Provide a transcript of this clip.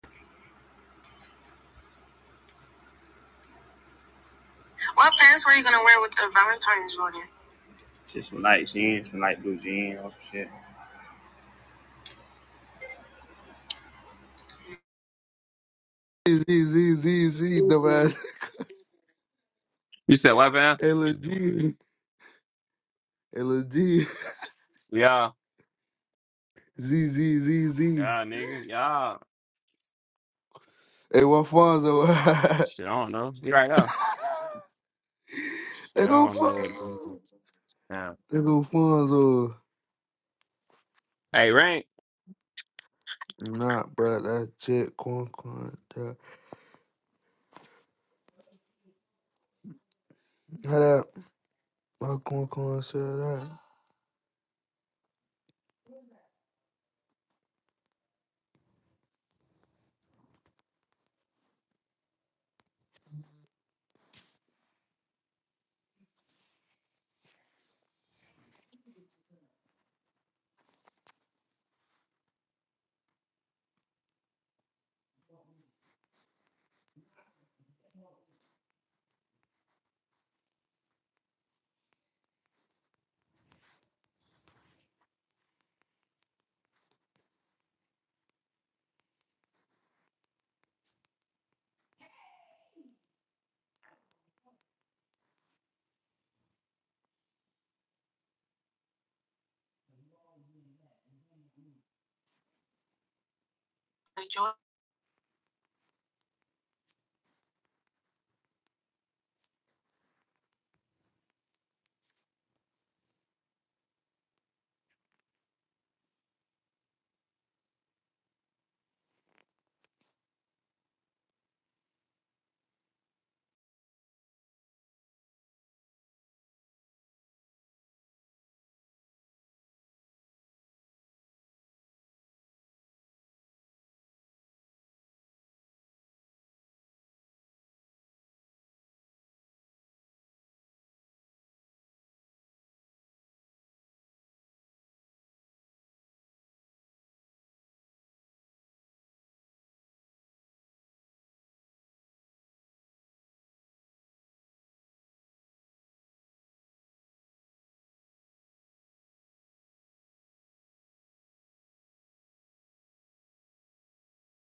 What pants were you gonna wear with the Valentine's on you? Just some light jeans, some light blue jeans, or some shit. Z Z Z Z dumbass. You said what, man? Hey Lil G. Hey Lil G. Yeah, Z Z Z Z. yeah, nigga, yeah. Hey what Fonzo? Shit, I don't know. You right now? They Shit, I go don't know what this is. Fonzo. Yeah. They go Fonzo. Hey, Rank. Nah, bruh, that shit corn corn. That how that my corn corn said that. Hey, Joy.